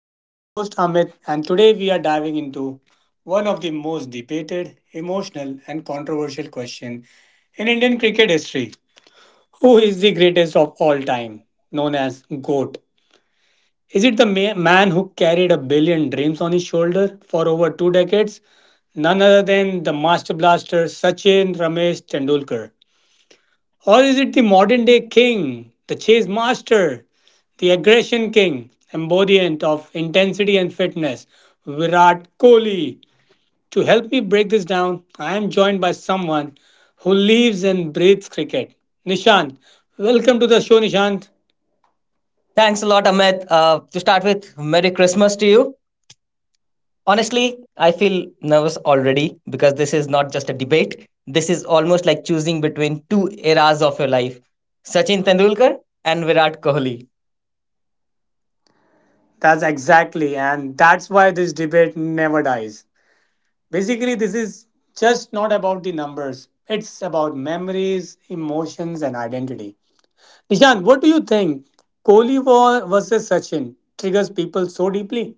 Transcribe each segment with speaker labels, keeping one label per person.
Speaker 1: I'm your host Amit, and today we are diving into one of the most debated, emotional, and controversial question in Indian cricket history. Who is the greatest of all time, known as GOAT? Is it the man who carried a billion dreams on his shoulder for over two decades? None other than the master blaster Sachin Ramesh Tendulkar. Or is it the modern day king, the chase master, the aggression king, embodiment of intensity and fitness, Virat Kohli? To help me break this down, I am joined by someone who lives and breathes cricket. Nishant, welcome to the show, Nishant.
Speaker 2: Thanks a lot, Amit. To start with, Merry Christmas to you. Honestly, I feel nervous already because this is not just a debate. This is almost like choosing between two eras of your life: Sachin Tendulkar and Virat Kohli.
Speaker 1: That's exactly, and that's why this debate never dies. Basically, this is just not about the numbers, it's about memories, emotions, and identity. Nishan, what do you think? Kohli versus Sachin triggers people so deeply?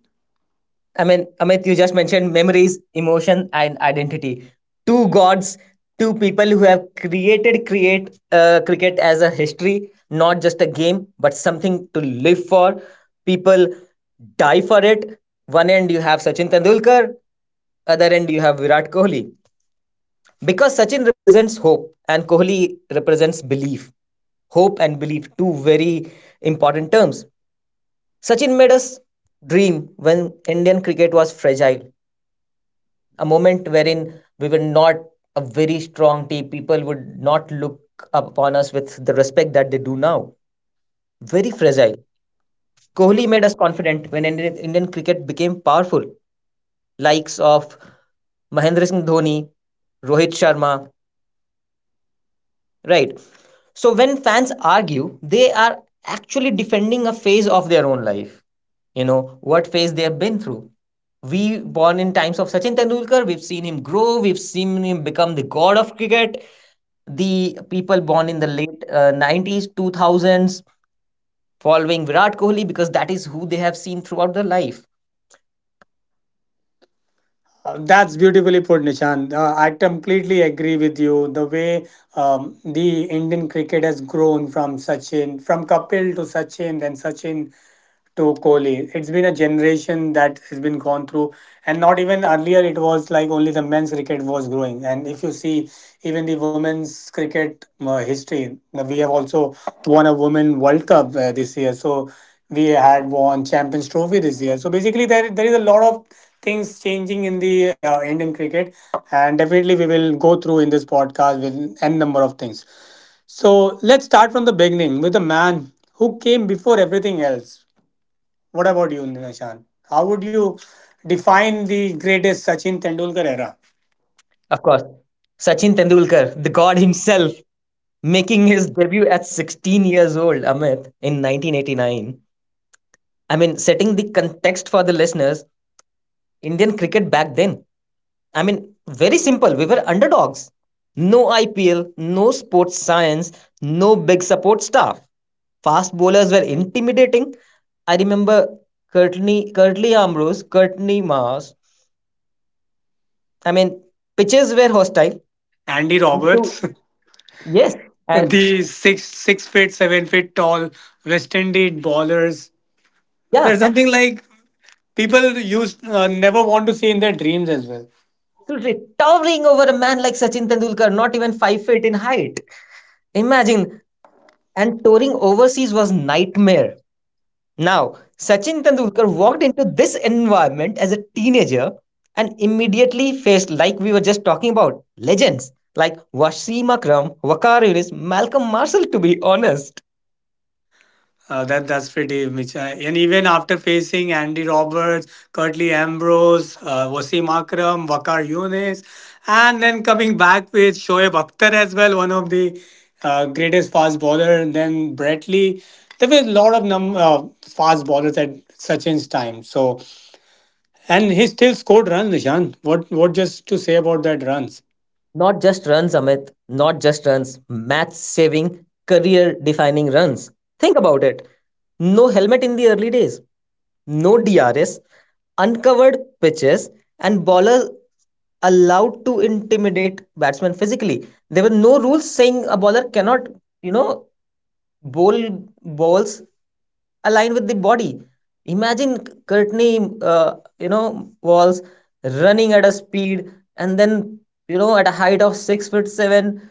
Speaker 2: I mean, Amit, you just mentioned memories, emotion, and identity. Two gods, two people who have created create cricket as a history, not just a game, but something to live for. People die for it. One end you have Sachin Tendulkar, other end you have Virat Kohli. Because Sachin represents hope and Kohli represents belief. Hope and belief, two very important terms. Sachin made us dream when Indian cricket was fragile, a moment wherein we were not a very strong team. People would not look upon us with the respect that they do now. Very fragile. Kohli made us confident when Indian cricket became powerful. Likes of Mahendra Singh Dhoni, Rohit Sharma, right? So when fans argue, they are actually defending a phase of their own life. You know, what phase they have been through. We born in times of Sachin Tendulkar, we've seen him grow, we've seen him become the god of cricket. The people born in the late 90s, 2000s following Virat Kohli, because that is who they have seen throughout their life.
Speaker 1: That's beautifully put, Nishan. I completely agree with you. The way the Indian cricket has grown from Sachin, from Kapil to Sachin, then Sachin to Kohli. It's been a generation that has been gone through, and not even earlier it was like only the men's cricket was growing. And if you see even the women's cricket history, we have also won a women World Cup this year. So we had won Champions Trophy this year. So basically, there is a lot of things changing in the Indian cricket, and definitely we will go through in this podcast with n number of things. So let's start from the beginning with the man who came before everything else. What about you, Nishan? How would you define the greatest Sachin Tendulkar era?
Speaker 2: Of course, Sachin Tendulkar, the god himself, making his debut at 16 years old, Amit, in 1989. I mean, setting the context for the listeners, Indian cricket back then, I mean, very simple. We were underdogs. No IPL, no sports science, no big support staff. Fast bowlers were intimidating. I remember Curtly Ambrose, Curtly Mars. I mean, pitches were hostile.
Speaker 1: Andy
Speaker 2: And
Speaker 1: Roberts,
Speaker 2: to, yes, and
Speaker 1: the six six feet 7 feet tall West Indies bowlers.
Speaker 2: yeah,
Speaker 1: There's something like people used never want to see in their dreams as well.
Speaker 2: absolutely towering over a man like Sachin Tendulkar, not even 5 feet in height. Imagine, and touring overseas was nightmare. Now, Sachin Tendulkar walked into this environment as a teenager and immediately faced, like we were just talking about, legends like Wasim Akram, Wakar Yunis, Malcolm Marshall, to be honest.
Speaker 1: That's pretty much, and even after facing Andy Roberts, Curtly Ambrose, Wasim Akram, Wakar Yunis, and then coming back with Shoaib Akhtar as well, one of the greatest fast bowler, and then Brett Lee. There were a lot of fast bowlers at Sachin's time. So, and he still scored runs, Nishan. What just to say about that runs?
Speaker 2: Not just runs, Amit, not just runs, match saving, career defining runs. Think about it. No helmet in the early days, no DRS, uncovered pitches, and ballers allowed to intimidate batsmen physically. There were no rules saying a bowler cannot, you know, ball balls align with the body. Imagine Courtney, you know, walls running at a speed and then, you know, at a height of 6 foot seven,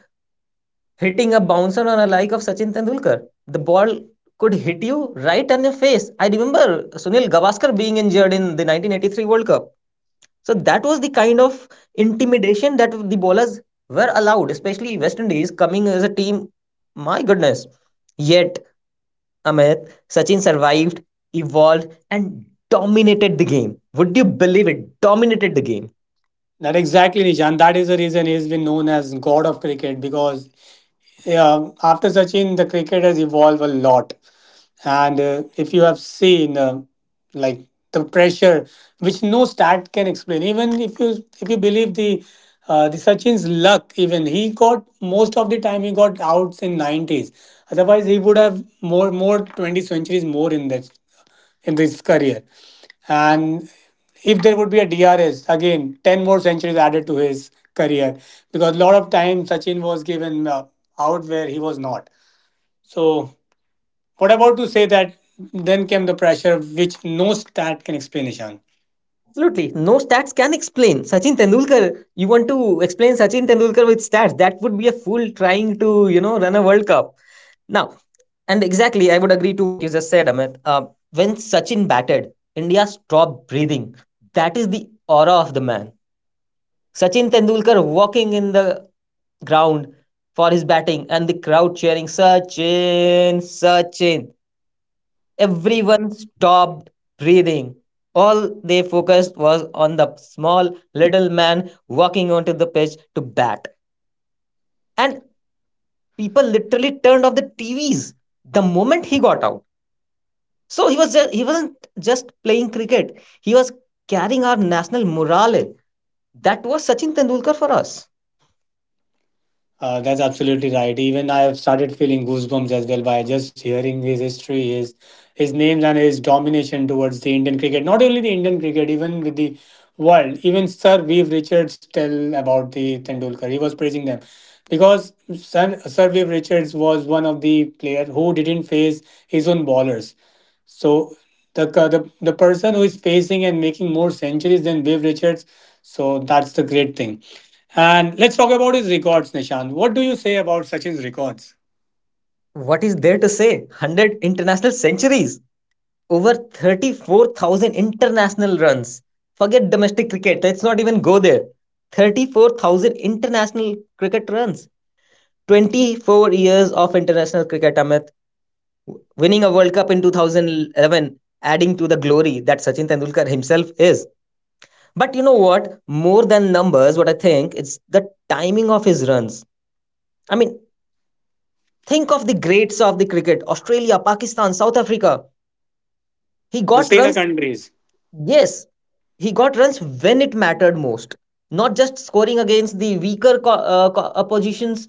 Speaker 2: hitting a bouncer on a like of Sachin Tendulkar. The ball could hit you right on your face. I remember Sunil Gavaskar being injured in the 1983 World Cup. So that was the kind of intimidation that the bowlers were allowed, especially West Indies coming as a team. My goodness. Yet Amit, Sachin survived, evolved, and dominated the game. Would you believe it? Dominated the game.
Speaker 1: Not exactly, Nishan. That is the reason he's been known as God of Cricket because yeah, after Sachin, the cricket has evolved a lot. And if you have seen, like the pressure, which no stat can explain. Even if you believe the Sachin's luck, even he got most of the time he got outs in nineties. Otherwise, he would have more 20 centuries more in that in this career. And if there would be a DRS, again, 10 more centuries added to his career. Because a lot of times Sachin was given out where he was not. So, what about to say that then came the pressure which no stat can explain, Ishan.
Speaker 2: Absolutely. No stats can explain. Sachin Tendulkar, you want to explain Sachin Tendulkar with stats? That would be a fool trying to, you know, run a World Cup. Now, and exactly, I would agree to what you just said, Amit. When Sachin batted, India stopped breathing. That is the aura of the man. Sachin Tendulkar walking in the ground for his batting and the crowd cheering Sachin, Sachin. Everyone stopped breathing. All they focused was on the small little man walking onto the pitch to bat. And people literally turned off the TVs the moment he got out. So he was just, he wasn't just playing cricket. He was carrying our national morale. That was Sachin Tendulkar for us.
Speaker 1: That's absolutely right. Even I have started feeling goosebumps as well by just hearing his history, his names and his domination towards the Indian cricket. Not only the Indian cricket, even with the world. Even Sir Viv Richards tell about the Tendulkar. He was praising them because Sir Viv Richards was one of the player who didn't face his own bowlers. So the ca- the person who is facing and making more centuries than Viv Richards. So that's the great thing. And let's talk about his records, Nishant. What do you say about Sachin's records?
Speaker 2: What is there to say? 100 international centuries, over 34,000 international runs. Forget domestic cricket, let's not even go there. 34,000 international cricket runs, 24 years of international cricket, Amit. Winning a World Cup in 2011, adding to the glory that Sachin Tendulkar himself is. But you know what? More than numbers, what I think, it's the timing of his runs. I mean, think of the greats of the cricket: Australia, Pakistan, South Africa. He
Speaker 1: The
Speaker 2: got
Speaker 1: Sena
Speaker 2: runs,
Speaker 1: countries.
Speaker 2: yes, he got runs when it mattered most, not just scoring against the oppositions,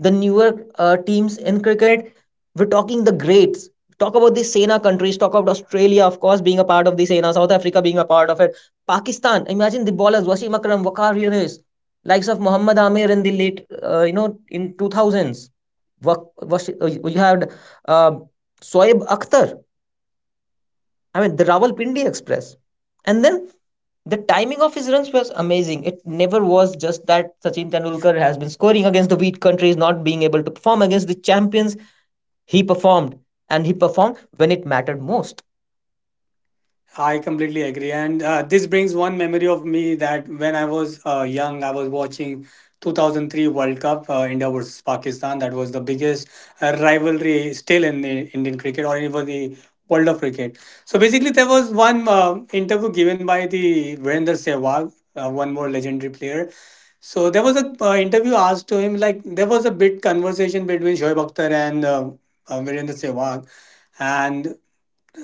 Speaker 2: the newer teams in cricket. We're talking the greats. Talk about the Sena countries, talk about Australia, of course, being a part of the Sena, South Africa being a part of it. Pakistan, imagine the bowlers, Wasim Akram, Waqar Yunus, likes of Mohammad Amir in the you know, in 2000s. You had uh, Soeb Akhtar, I mean, the Rawalpindi Express. And then the timing of his runs was amazing. It never was just that Sachin Tendulkar has been scoring against the weak countries, not being able to perform against the champions. He performed, and he performed when it mattered most.
Speaker 1: I completely agree. And this brings one memory of me that when I was young, I was watching 2003 World Cup, India versus Pakistan. That was the biggest rivalry still in the Indian cricket or even the world of cricket. So basically, there was one interview given by the Virender Sehwag, one more legendary player. So there was a interview asked to him, like there was a bit conversation between Shoaib Akhtar and Virender Sehwag. And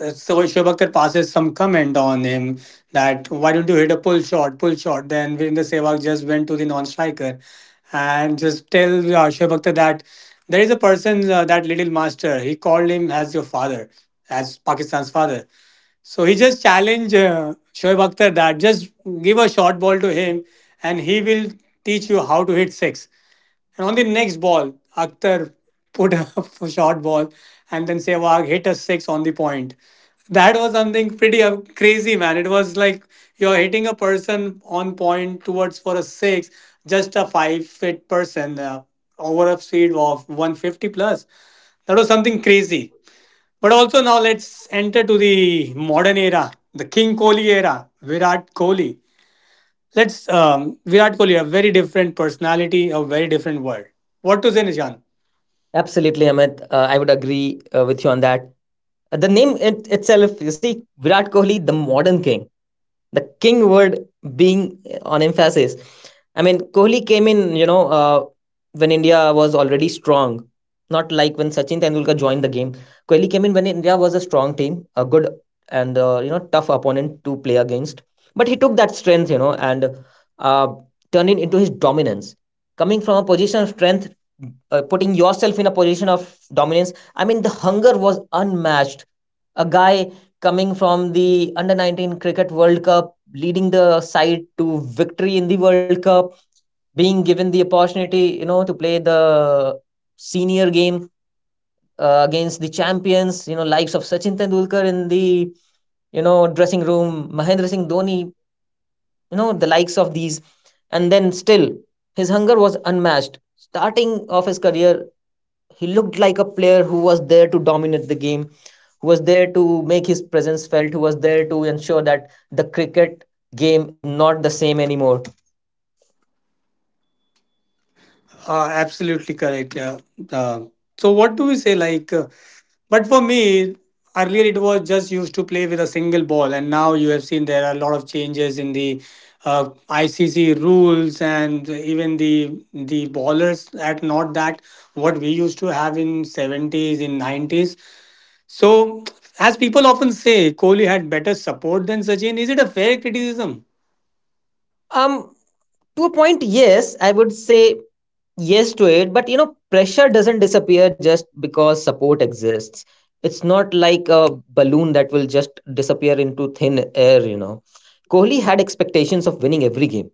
Speaker 1: so Shobakkar passes some comment on him that why don't you hit a pull shot, pull shot. Then Virendra Sehwag just went to the non-striker and just tell Shoaib Akhtar that there is a person, that little master, he called him as your father, as Pakistan's father. So he just challenged Shoaib Akhtar that just give a short ball to him and he will teach you how to hit six. And on the next ball, Akhtar put up a short ball and then Sehwag hit a six on the point. That was something pretty crazy, man. It was like you're hitting a person on point towards for a six, just a five fit person over a speed of 150 plus. That was something crazy. But also now let's enter to the modern era, the King Kohli era, Virat Kohli. Let's Virat Kohli, a very different personality, a very different world. What to say, Nishan?
Speaker 2: Absolutely, Amit. I would agree with you on that. The name it, itself, you see, Virat Kohli, the modern king, the king word being on emphasis. I mean, Kohli came in, when India was already strong, not like when Sachin Tendulkar joined the game. Kohli came in when India was a strong team, a good and you know tough opponent to play against. But he took that strength, you know, and uh, turned it into his dominance. Coming from a position of strength, putting yourself in a position of dominance. I mean, the hunger was unmatched. A guy coming from the under 19 cricket World Cup, leading the side to victory in the World Cup, being given the opportunity, you know, to play the senior game against the champions, you know, likes of Sachin Tendulkar in the, you know, dressing room, Mahendra Singh Dhoni, you know, the likes of these. And then still, his hunger was unmatched. Starting of his career, he looked like a player who was there to dominate the game, who was there to make his presence felt, who was there to ensure that the cricket game is not the same anymore.
Speaker 1: Absolutely correct. Yeah. Uh, so what do we say? But for me, earlier it was just used to play with a single ball, and now you have seen there are a lot of changes in the ICC rules and even the bowlers at not that what we used to have in 70s in 90s. So, as people often say, Kohli had better support than Sachin. Is it a fair criticism?
Speaker 2: Um, to a point, yes, I would say yes to it, but you know, pressure doesn't disappear just because support exists. It's not like a balloon that will just disappear into thin air, you know. Kohli had expectations of winning every game,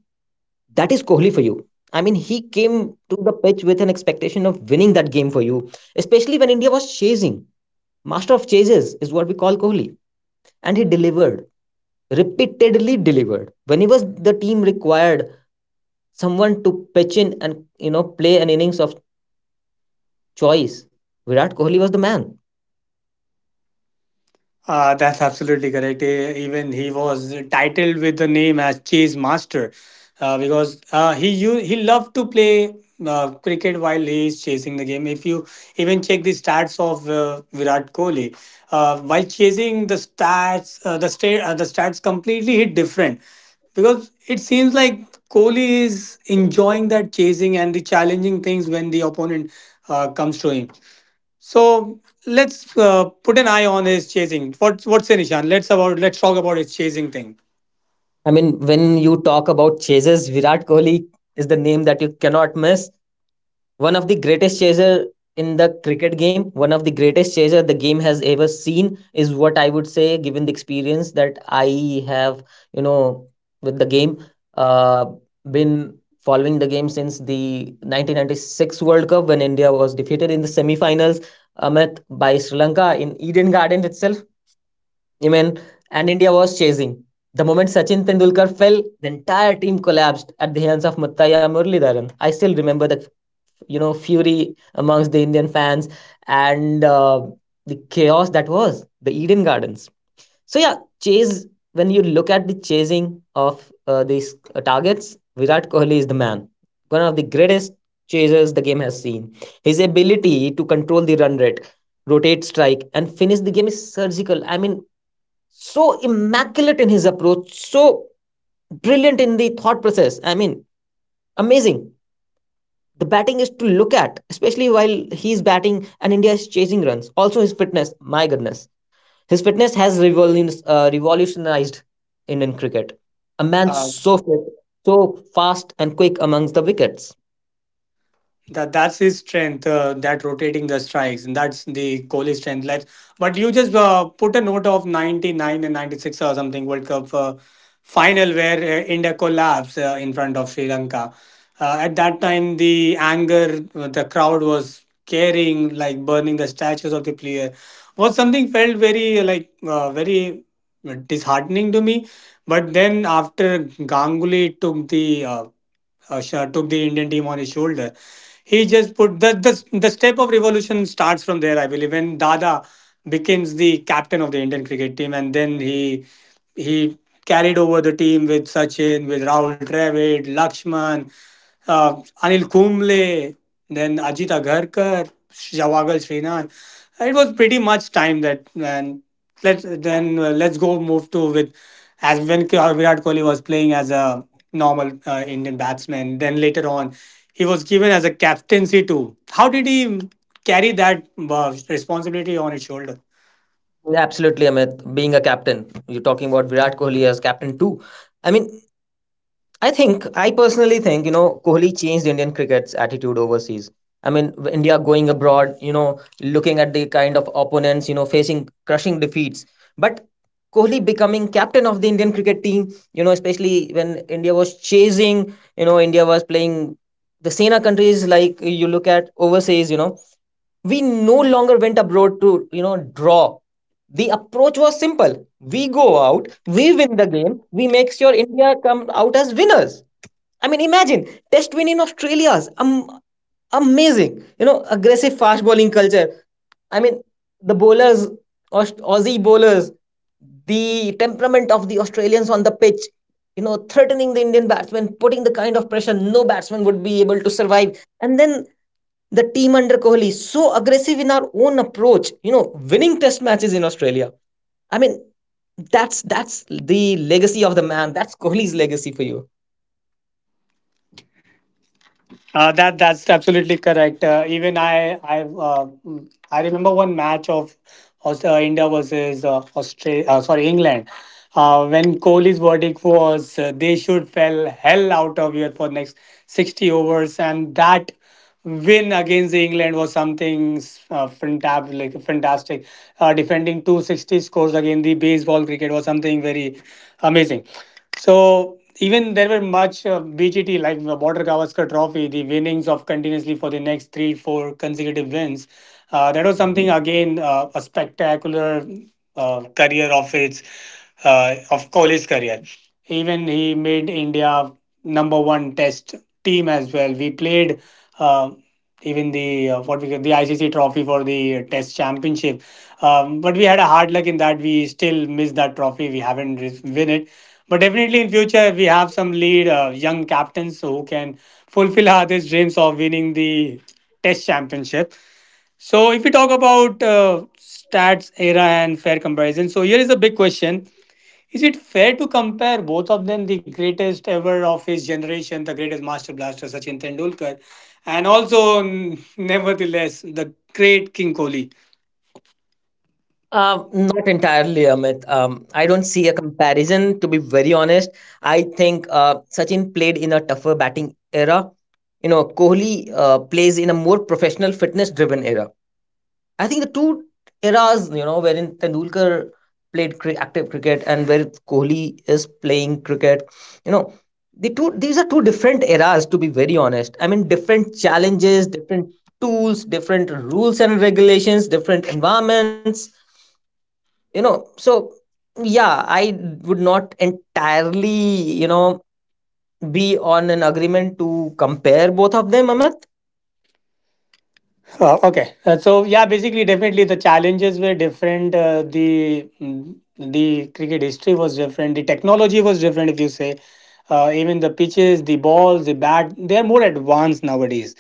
Speaker 2: that is Kohli for you. I mean, he came to the pitch with an expectation of winning that game for you, especially when India was chasing. Master of chases is what we call Kohli. And he delivered, repeatedly delivered. Whenever the team required someone to pitch in and you know play an innings of choice, Virat Kohli was the man.
Speaker 1: That's absolutely correct. Eh, even he was titled with the name as Chase Master because he loved to play cricket while he is chasing the game. If you even check the stats of Virat Kohli, while chasing the stats, the stats completely hit different because it seems like Kohli is enjoying that chasing and the challenging things when the opponent comes to him. So let's put an eye on his chasing. What what's in Ishan? Let's talk about his chasing thing.
Speaker 2: I mean, when you talk about chasers, Virat Kohli is the name that you cannot miss. One of the greatest chaser in the cricket game, one of the greatest chaser the game has ever seen is what I would say, given the experience that I have, you know, with the game. Uh, been following the game since the 1996 World Cup when India was defeated in the semi-finals, Amit, by Sri Lanka in Eden Garden itself. I mean, and India was chasing. The moment Sachin Tendulkar fell, the entire team collapsed at the hands of Muthaiya Muralidharan. I still remember the you know fury amongst the Indian fans and the chaos that was the Eden Gardens. So yeah, chase. When you look at the chasing of these targets, Virat Kohli is the man. One of the greatest chasers the game has seen. His ability to control the run rate, rotate strike, and finish the game is surgical. I mean, so immaculate in his approach, so brilliant in the thought process. I mean, amazing. The batting is to look at, especially while he's batting and India is chasing runs. Also, his fitness, my goodness. His fitness has revolutionized Indian cricket. A man
Speaker 1: Uh,
Speaker 2: so fit, so fast and quick amongst the wickets.
Speaker 1: That that's his strength. That rotating the strikes, and that's the Kohli strength. But you just put a note of 99 and 96 or something World Cup final where India collapsed in front of Sri Lanka. At that time, the anger, the crowd was carrying like burning the statues of the player was something felt very very disheartening to me. But then after Ganguly took took the Indian team on his shoulder, he just put the step of revolution starts from there. I believe when Dada becomes the captain of the Indian cricket team, and then he carried over the team with Sachin, with Rahul Dravid, Lakshman, uh, Anil Kumble, then Ajit Agarkar, Jawagal Srinath. It was pretty much time that, and let then let's go move to with as when K- Virat Kohli was playing as a normal Indian batsman. Then later on, he was given as a captaincy too. How did he carry that responsibility on his shoulder?
Speaker 2: Absolutely, Amit. Being a captain, you're talking about Virat Kohli as captain too. I mean, I think I personally think you know Kohli changed Indian cricket's attitude overseas. I mean, India going abroad, you know, looking at the kind of opponents, you know, facing crushing defeats. But Kohli becoming captain of the Indian cricket team, you know, especially when India was chasing, you know, India was playing the Sena countries, like you look at overseas, you know, we no longer went abroad to, you know, draw. The approach was simple. We go out, we win the game, we make sure India come out as winners. I mean, imagine test win in Australia's amazing. You know, aggressive fast bowling culture. I mean, the bowlers, Aussie bowlers, the temperament of the Australians on the pitch. You know, threatening the Indian batsmen, putting the kind of pressure no batsman would be able to survive. And then the team under Kohli, so aggressive in our own approach. You know, winning test matches in Australia. I mean, that's the legacy of the man. That's Kohli's legacy for you.
Speaker 1: That's absolutely correct. Even I mm, I remember one match of India versus Australia. Sorry, England. When Kohli's verdict was they should fell hell out of here for next 60 overs, and that win against the England was something fantastic. Like, fantastic. Defending 260 scores against the baseball cricket was something very amazing. So even there were much BGT like the Border Gavaskar Trophy, the winnings of continuously for the next three, four consecutive wins. That was something again a spectacular career of its of Kohli's career. Even he made India number one test team as well. We played uh, even the what we get the ICC trophy for the test championship. But we had a hard luck in that we still missed that trophy. We haven't win it. But definitely in future we have some lead young captains who can fulfill our these dreams of winning the test championship. So if we talk about stats era and fair comparison, so here is a big question: is it fair to compare both of them, the greatest ever of his generation, the greatest master blaster Sachin Tendulkar, and also, nevertheless, the great King Kohli?
Speaker 2: Not entirely, Amit. I don't see a comparison, to be very honest. I think Sachin played in a tougher batting era. You know, Kohli plays in a more professional, fitness driven era. I think the two eras, you know, wherein Tendulkar played active cricket and where Kohli is playing cricket, you know, these are two different eras, to be very honest. I mean, different challenges, different tools, different rules and regulations, different environments, you know. So yeah, I would not entirely, you know, be on an agreement to compare both of them, Amit.
Speaker 1: Okay, so yeah, basically, definitely the challenges were different. The cricket history was different. The technology was different. If you say, even the pitches, the balls, the bat, they are more advanced nowadays.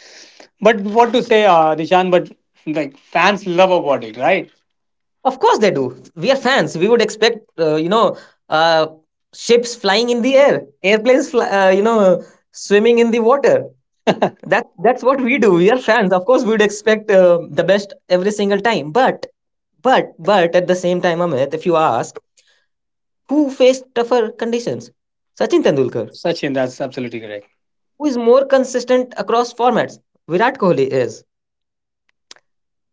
Speaker 1: But what to say, Dishan? But like fans love about it, right?
Speaker 2: Of course they do. We are fans, we would expect, you know, uh, ships flying in the air, airplanes fly, you know, swimming in the water. That's what we do. We are fans, of course we would expect the best every single time. But but at the same time, Amit, if you ask who faced tougher conditions, Sachin Tendulkar.
Speaker 1: Sachin, that's absolutely correct.
Speaker 2: Who is more consistent across formats? Virat Kohli is.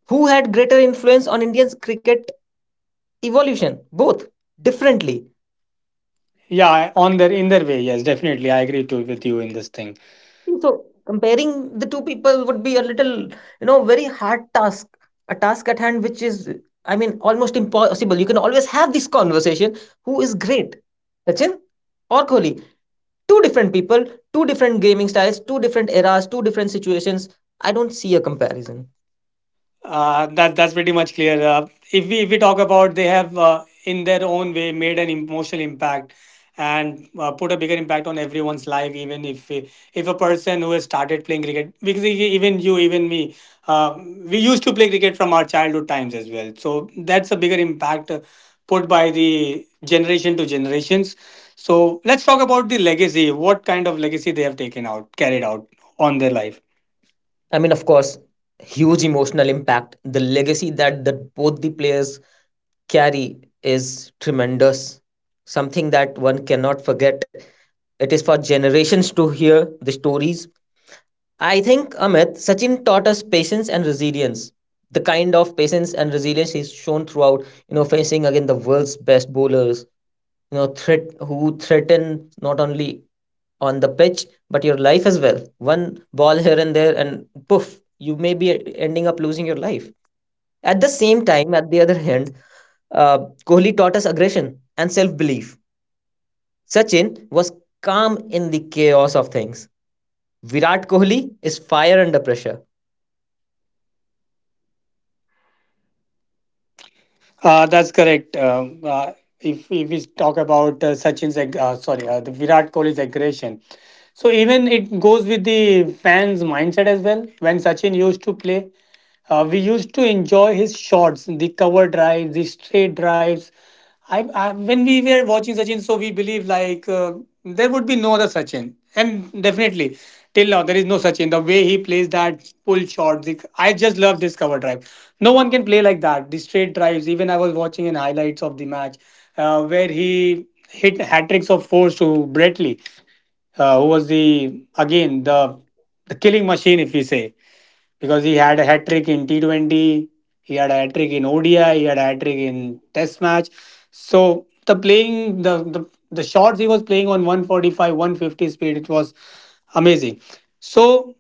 Speaker 2: Who had greater influence on India's cricket evolution? Both differently.
Speaker 1: Yeah I- on their in their way Yes, definitely I agree to with you in this thing.
Speaker 2: So comparing the two people would be a little, you know, very hard task. A task at hand which is, I mean, almost impossible. You can always have this conversation. Who is great? Sachin or Kohli? Two different people, two different gaming styles, two different eras, two different situations. I don't see a comparison.
Speaker 1: That's pretty much clear. If we talk about, they have in their own way made an emotional impact, and put a bigger impact on everyone's life. Even if a person who has started playing cricket, because even you, even me, uh, we used to play cricket from our childhood times as well. So that's a bigger impact put by the generation to generations. So let's talk about the legacy. What kind of legacy they have taken out, carried out on their life?
Speaker 2: I mean, of course, huge emotional impact. The legacy that both the players carry is tremendous. Something that one cannot forget. It is for generations to hear the stories. I think, Amit, Sachin taught us patience and resilience. The kind of patience and resilience he's shown throughout, you know, facing again the world's best bowlers, you know, threat who threaten not only on the pitch but your life as well. One ball here and there, and poof, you may be ending up losing your life. At the same time, at the other hand, uh, Kohli taught us aggression and self belief. Sachin was calm in the chaos of things. Virat Kohli is fire under pressure.
Speaker 1: That's correct. If we talk about the Virat Kohli's aggression. So even it goes with the fans' mindset as well. When Sachin used to play, we used to enjoy his shots, the cover drives, the straight drives. I when we were watching Sachin, so we believe like there would be no other Sachin, and definitely till now there is no Sachin. The way he plays that pull shot, I just love this cover drive. No one can play like that. The straight drives. Even I was watching in highlights of the match where he hit hat tricks of fours to Bradley, who was the again the killing machine, if we say, because he had a hat trick in T20, he had a hat trick in ODI, he had a hat trick in Test match. So the shots he was playing on 145, 150 speed, it was amazing. So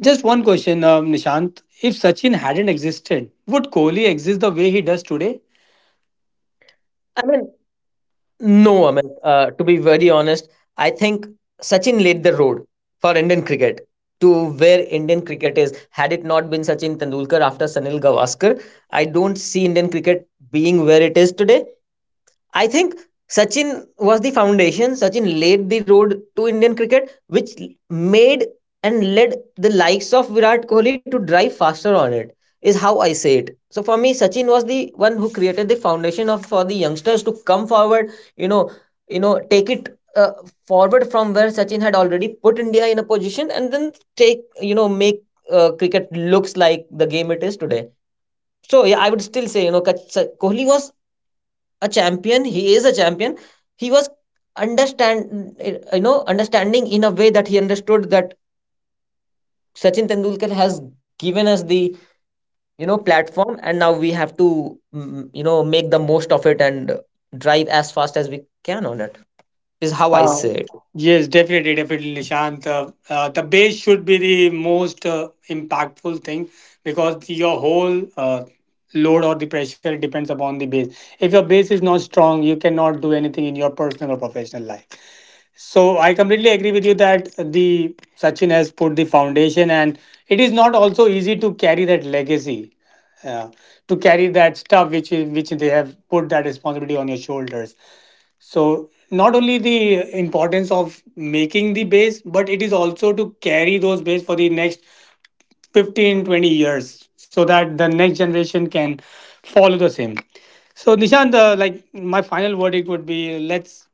Speaker 1: just one question, Nishant. If Sachin hadn't existed, would Kohli exist the way he does today?
Speaker 2: I mean, no, I mean, to be very honest, I think Sachin laid the road for Indian cricket to where Indian cricket is. Had it not been Sachin Tendulkar after Sanil Gavaskar, I don't see Indian cricket being where it is today. I think Sachin was the foundation. Sachin laid the road to Indian cricket, which made and led the likes of Virat Kohli to drive faster on it, is how I say it. So for me, Sachin was the one who created the foundation of for the youngsters to come forward. You know, you know, take it forward from where Sachin had already put India in a position, and then take, you know, make cricket looks like the game it is today. So yeah, I would still say, you know, Kohli was a champion. He is a champion. He was understand you know, understanding in a way that he understood that Sachin Tendulkar has given us the, you know, platform, and now we have to you know, make the most of it and drive as fast as we can on it. Is how I
Speaker 1: Uh,
Speaker 2: say it.
Speaker 1: yes, definitely, Nishant. The base should be the most impactful thing, because your whole load or the pressure depends upon the base. If your base is not strong, you cannot do anything in your personal or professional life. So I completely agree with you that the Sachin has put the foundation, and it is not also easy to carry that legacy. Uh, to carry that stuff which they have put that responsibility on your shoulders. So not only the importance of making the base, but it is also to carry those base for the next 15, 20 years, so that the next generation can follow the same. So Nishant, like my final verdict would be, let's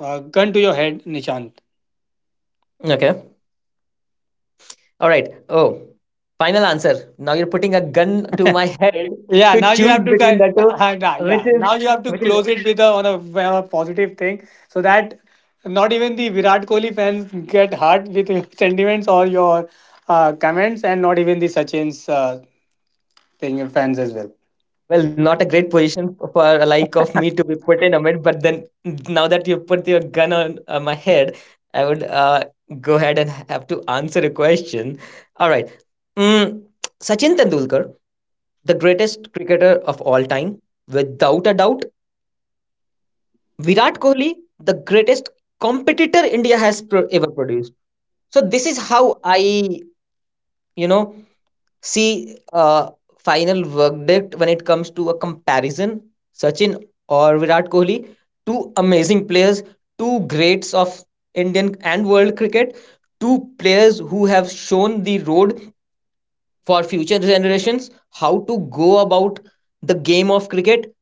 Speaker 1: gun to your head, Nishant.
Speaker 2: Okay. All right. Oh, final answer. Now you're putting a gun to my head
Speaker 1: Yeah,
Speaker 2: to
Speaker 1: now you
Speaker 2: choose
Speaker 1: have to
Speaker 2: between the two, which
Speaker 1: yeah,
Speaker 2: is
Speaker 1: now you have to
Speaker 2: which is
Speaker 1: close it with a on a positive thing, so that not even the Virat Kohli fans get hurt with your sentiments or your comments, and not even the Sachin's thing fans as well.
Speaker 2: well, not a great position for a like of me to be put in a mid, but then now that you put your gun on my head, I would go ahead and have to answer a question. All right. mm, Sachin Tendulkar, the greatest cricketer of all time, without a doubt. Virat Kohli, the greatest competitor India has ever produced. So this is how I, you know, see. Final verdict when it comes to a comparison, Sachin or Virat Kohli, two amazing players, two greats of Indian and world cricket, two players who have shown the road for future generations how to go about the game of cricket.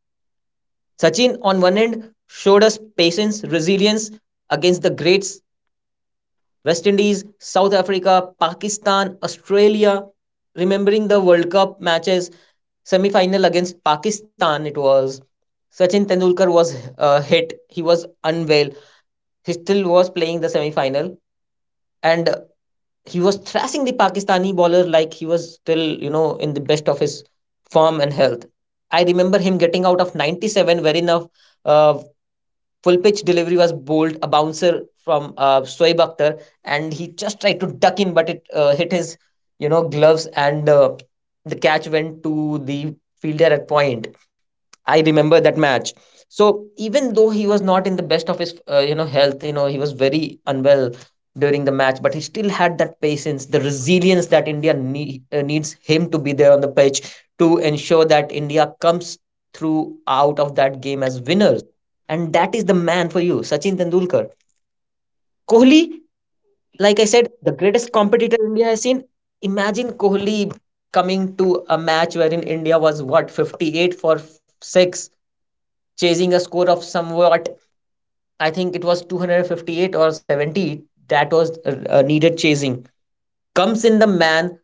Speaker 2: Sachin, on one end, showed us patience, resilience against the greats, West Indies, South Africa, Pakistan, Australia, remembering the World Cup matches, semi-final against Pakistan. It was Sachin Tendulkar was hit, he was unwell, he still was playing the semi-final, and he was thrashing the Pakistani bowler like he was still, you know, in the best of his form and health. I remember him getting out of 97, wherein a uh, full pitch delivery was bowled, a bouncer from Soeb Akhtar, and he just tried to duck in but it hit his, you know, gloves, and the catch went to the fielder at point. I remember that match. So even though he was not in the best of his, you know, health, you know, he was very unwell during the match, but he still had that patience, the resilience that India needs him to be there on the pitch to ensure that India comes through out of that game as winners. And that is the man for you, Sachin Tendulkar. Kohli, like I said, the greatest competitor India has seen. Imagine Kohli coming to a match wherein India was, what, 58 for 6, chasing a score of somewhat, I think it was 258 or 70, that was needed chasing. Comes in the man,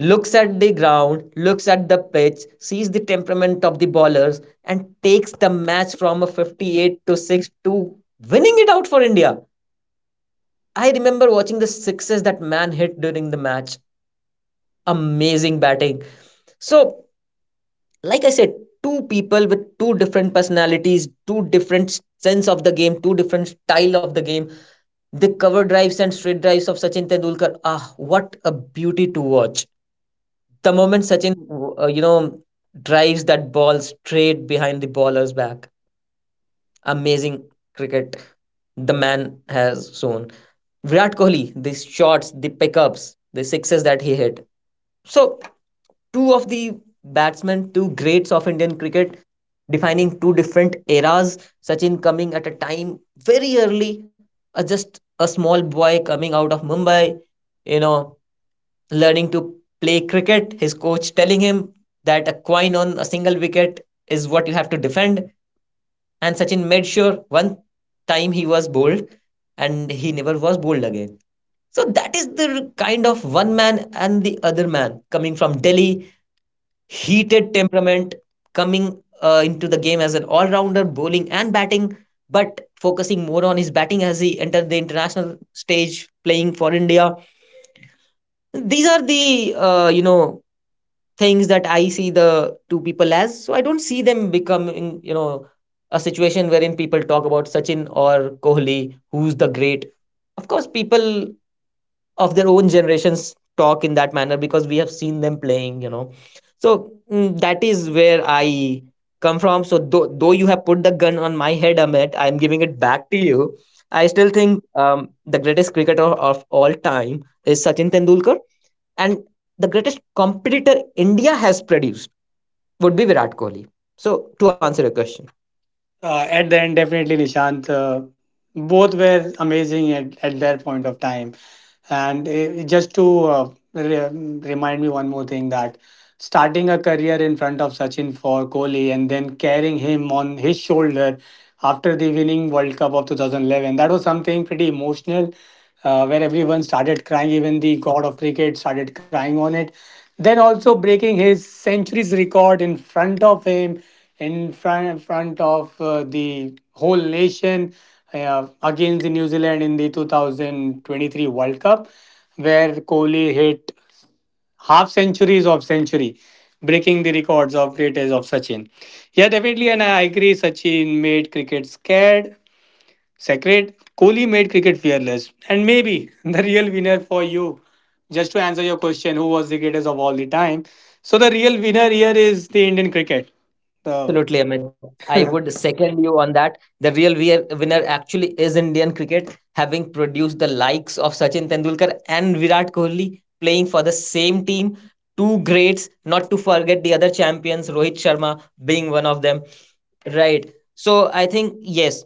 Speaker 2: looks at the ground, looks at the pitch, sees the temperament of the bowlers, and takes the match from a 58 to 6 to winning it out for India. I remember watching the sixes that man hit during the match. Amazing batting. So, like I said, two people with two different personalities, two different sense of the game, two different style of the game. The cover drives and straight drives of Sachin Tendulkar. Ah, what a beauty to watch. The moment Sachin, you know, drives that ball straight behind the bowler's back. Amazing cricket the man has shown. Virat Kohli, the shots, the pickups, the sixes that he hit. So, two of the batsmen, two greats of Indian cricket, defining two different eras. Sachin coming at a time very early, just a small boy coming out of Mumbai, you know, learning to play cricket. His coach telling him that a coin on a single wicket is what you have to defend. And Sachin made sure one time he was bowled and he never was bowled again. So that is the kind of one man, and the other man coming from Delhi, heated temperament, coming into the game as an all rounder, bowling and batting, but focusing more on his batting as he entered the international stage playing for India. These are the, you know, things that I see the two people as. So I don't see them becoming, you know, a situation wherein people talk about Sachin or Kohli, who's the great. Of course, people of their own generations talk in that manner because we have seen them playing, you know. So that is where I come from. So, though you have put the gun on my head, Amit, I'm giving it back to you. I still think the greatest cricketer of all time is Sachin Tendulkar, and the greatest competitor India has produced would be Virat Kohli. So to answer your question.
Speaker 1: At the end, definitely Nishant. Both were amazing at their point of time. And eh, just to remind me one more thing, that starting a career in front of Sachin for Kohli and then carrying him on his shoulder after the winning World Cup of 2011, that was something pretty emotional, where everyone started crying. Even the god of cricket started crying on it. Then also breaking his centuries record in front of him, in front of the whole nation, against the New Zealand in the 2023 World Cup, where Kohli hit half centuries of century, breaking the records of greatest of Sachin. Yeah, definitely, and I agree. Sachin made cricket scared, sacred. Kohli made cricket fearless, and maybe the real winner for you. Just to answer your question, who was the greatest of all the time? So the real winner here is the Indian cricket. The
Speaker 2: Absolutely, Amit. I would second you on that. The real winner actually is Indian cricket, having produced the likes of Sachin Tendulkar and Virat Kohli playing for the same team. Two greats, not to forget the other champions, Rohit Sharma being one of them. Right. So I think, yes,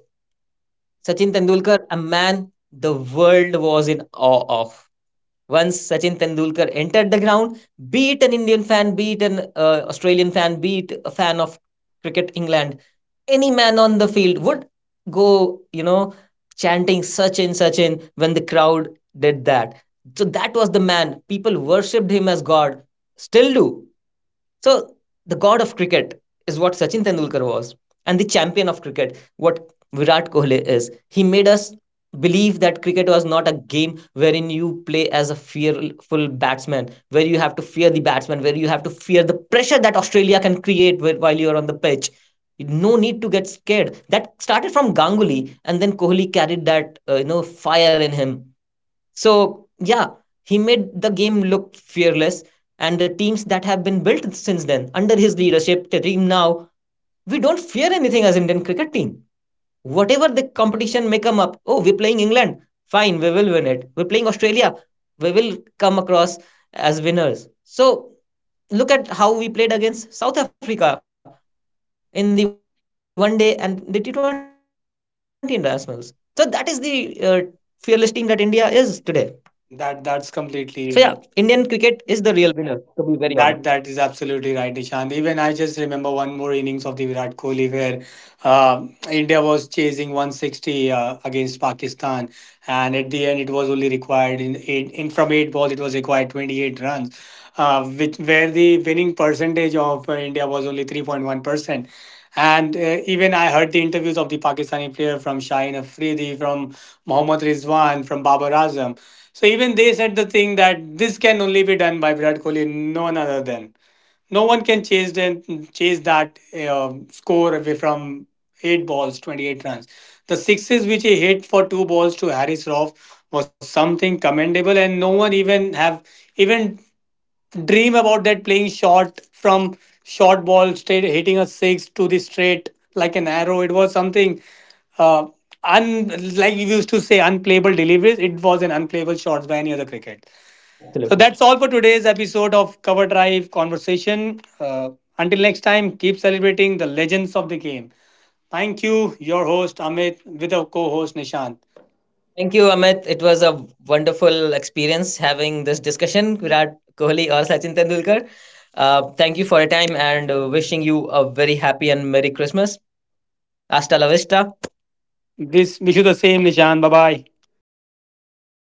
Speaker 2: Sachin Tendulkar, a man the world was in awe of. Once Sachin Tendulkar entered the ground, be it an Indian fan, be it an Australian fan, be it a fan of cricket England, any man on the field would go, you know, chanting Sachin, Sachin, when the crowd did that. So that was the man. People worshipped him as God, still do. So the god of cricket is what Sachin Tendulkar was, and the champion of cricket, what Virat Kohli is. He made us believe that cricket was not a game wherein you play as a fearful batsman, where you have to fear the batsman, where you have to fear the pressure that Australia can create while you're on the pitch. No need to get scared. That started from Ganguly, and then Kohli carried that you know, fire in him. So yeah, he made the game look fearless, and the teams that have been built since then under his leadership, the team now, we don't fear anything as Indian cricket team. Whatever the competition may come up, oh, we're playing England, fine, we will win it. We're playing Australia, we will come across as winners. So look at how we played against South Africa in the one day and the T20 internationals. So that is the fearless team that India is today. So yeah, Indian cricket is
Speaker 1: That
Speaker 2: the real
Speaker 1: that's
Speaker 2: winner, to
Speaker 1: completely,
Speaker 2: be
Speaker 1: you
Speaker 2: very
Speaker 1: know,
Speaker 2: honest.
Speaker 1: that is absolutely right, Nishant. Even I just remember one more innings of the Virat Kohli, where India was chasing 160 against Pakistan, and at the end it was only required in eight in from eight balls it was required 28 runs, which where the winning percentage of India was only 3.1 percent. And even I heard the interviews of the Pakistani player from Shaheen Afridi, from Mohammad Rizwan, from Babar Azam. So even they said the thing that this can only be done by Virat Kohli. No other than, no one can chase them, chase that score away from eight balls 28 runs. The sixes which he hit for two balls to Harris Roff was something commendable, and no one even have even dream about that, playing short from short ball, straight hitting a six to the straight like an arrow. It was something uh, un like we used to say unplayable deliveries, it was an unplayable shots by any other cricket. So
Speaker 2: Absolutely.
Speaker 1: that's all for today's episode of Cover Drive Conversation. Until next time, keep celebrating the legends of the game. Thank you, your host Amit, with our co-host Nishant.
Speaker 2: Thank you, Amit. It was a wonderful experience having this discussion. Virat Kohli or Sachin Tendulkar. Thank you for your time and wishing you a very happy and Merry Christmas. Hasta la vista.
Speaker 1: This wish you the same, Nishant. Bye bye.
Speaker 2: Bye bye.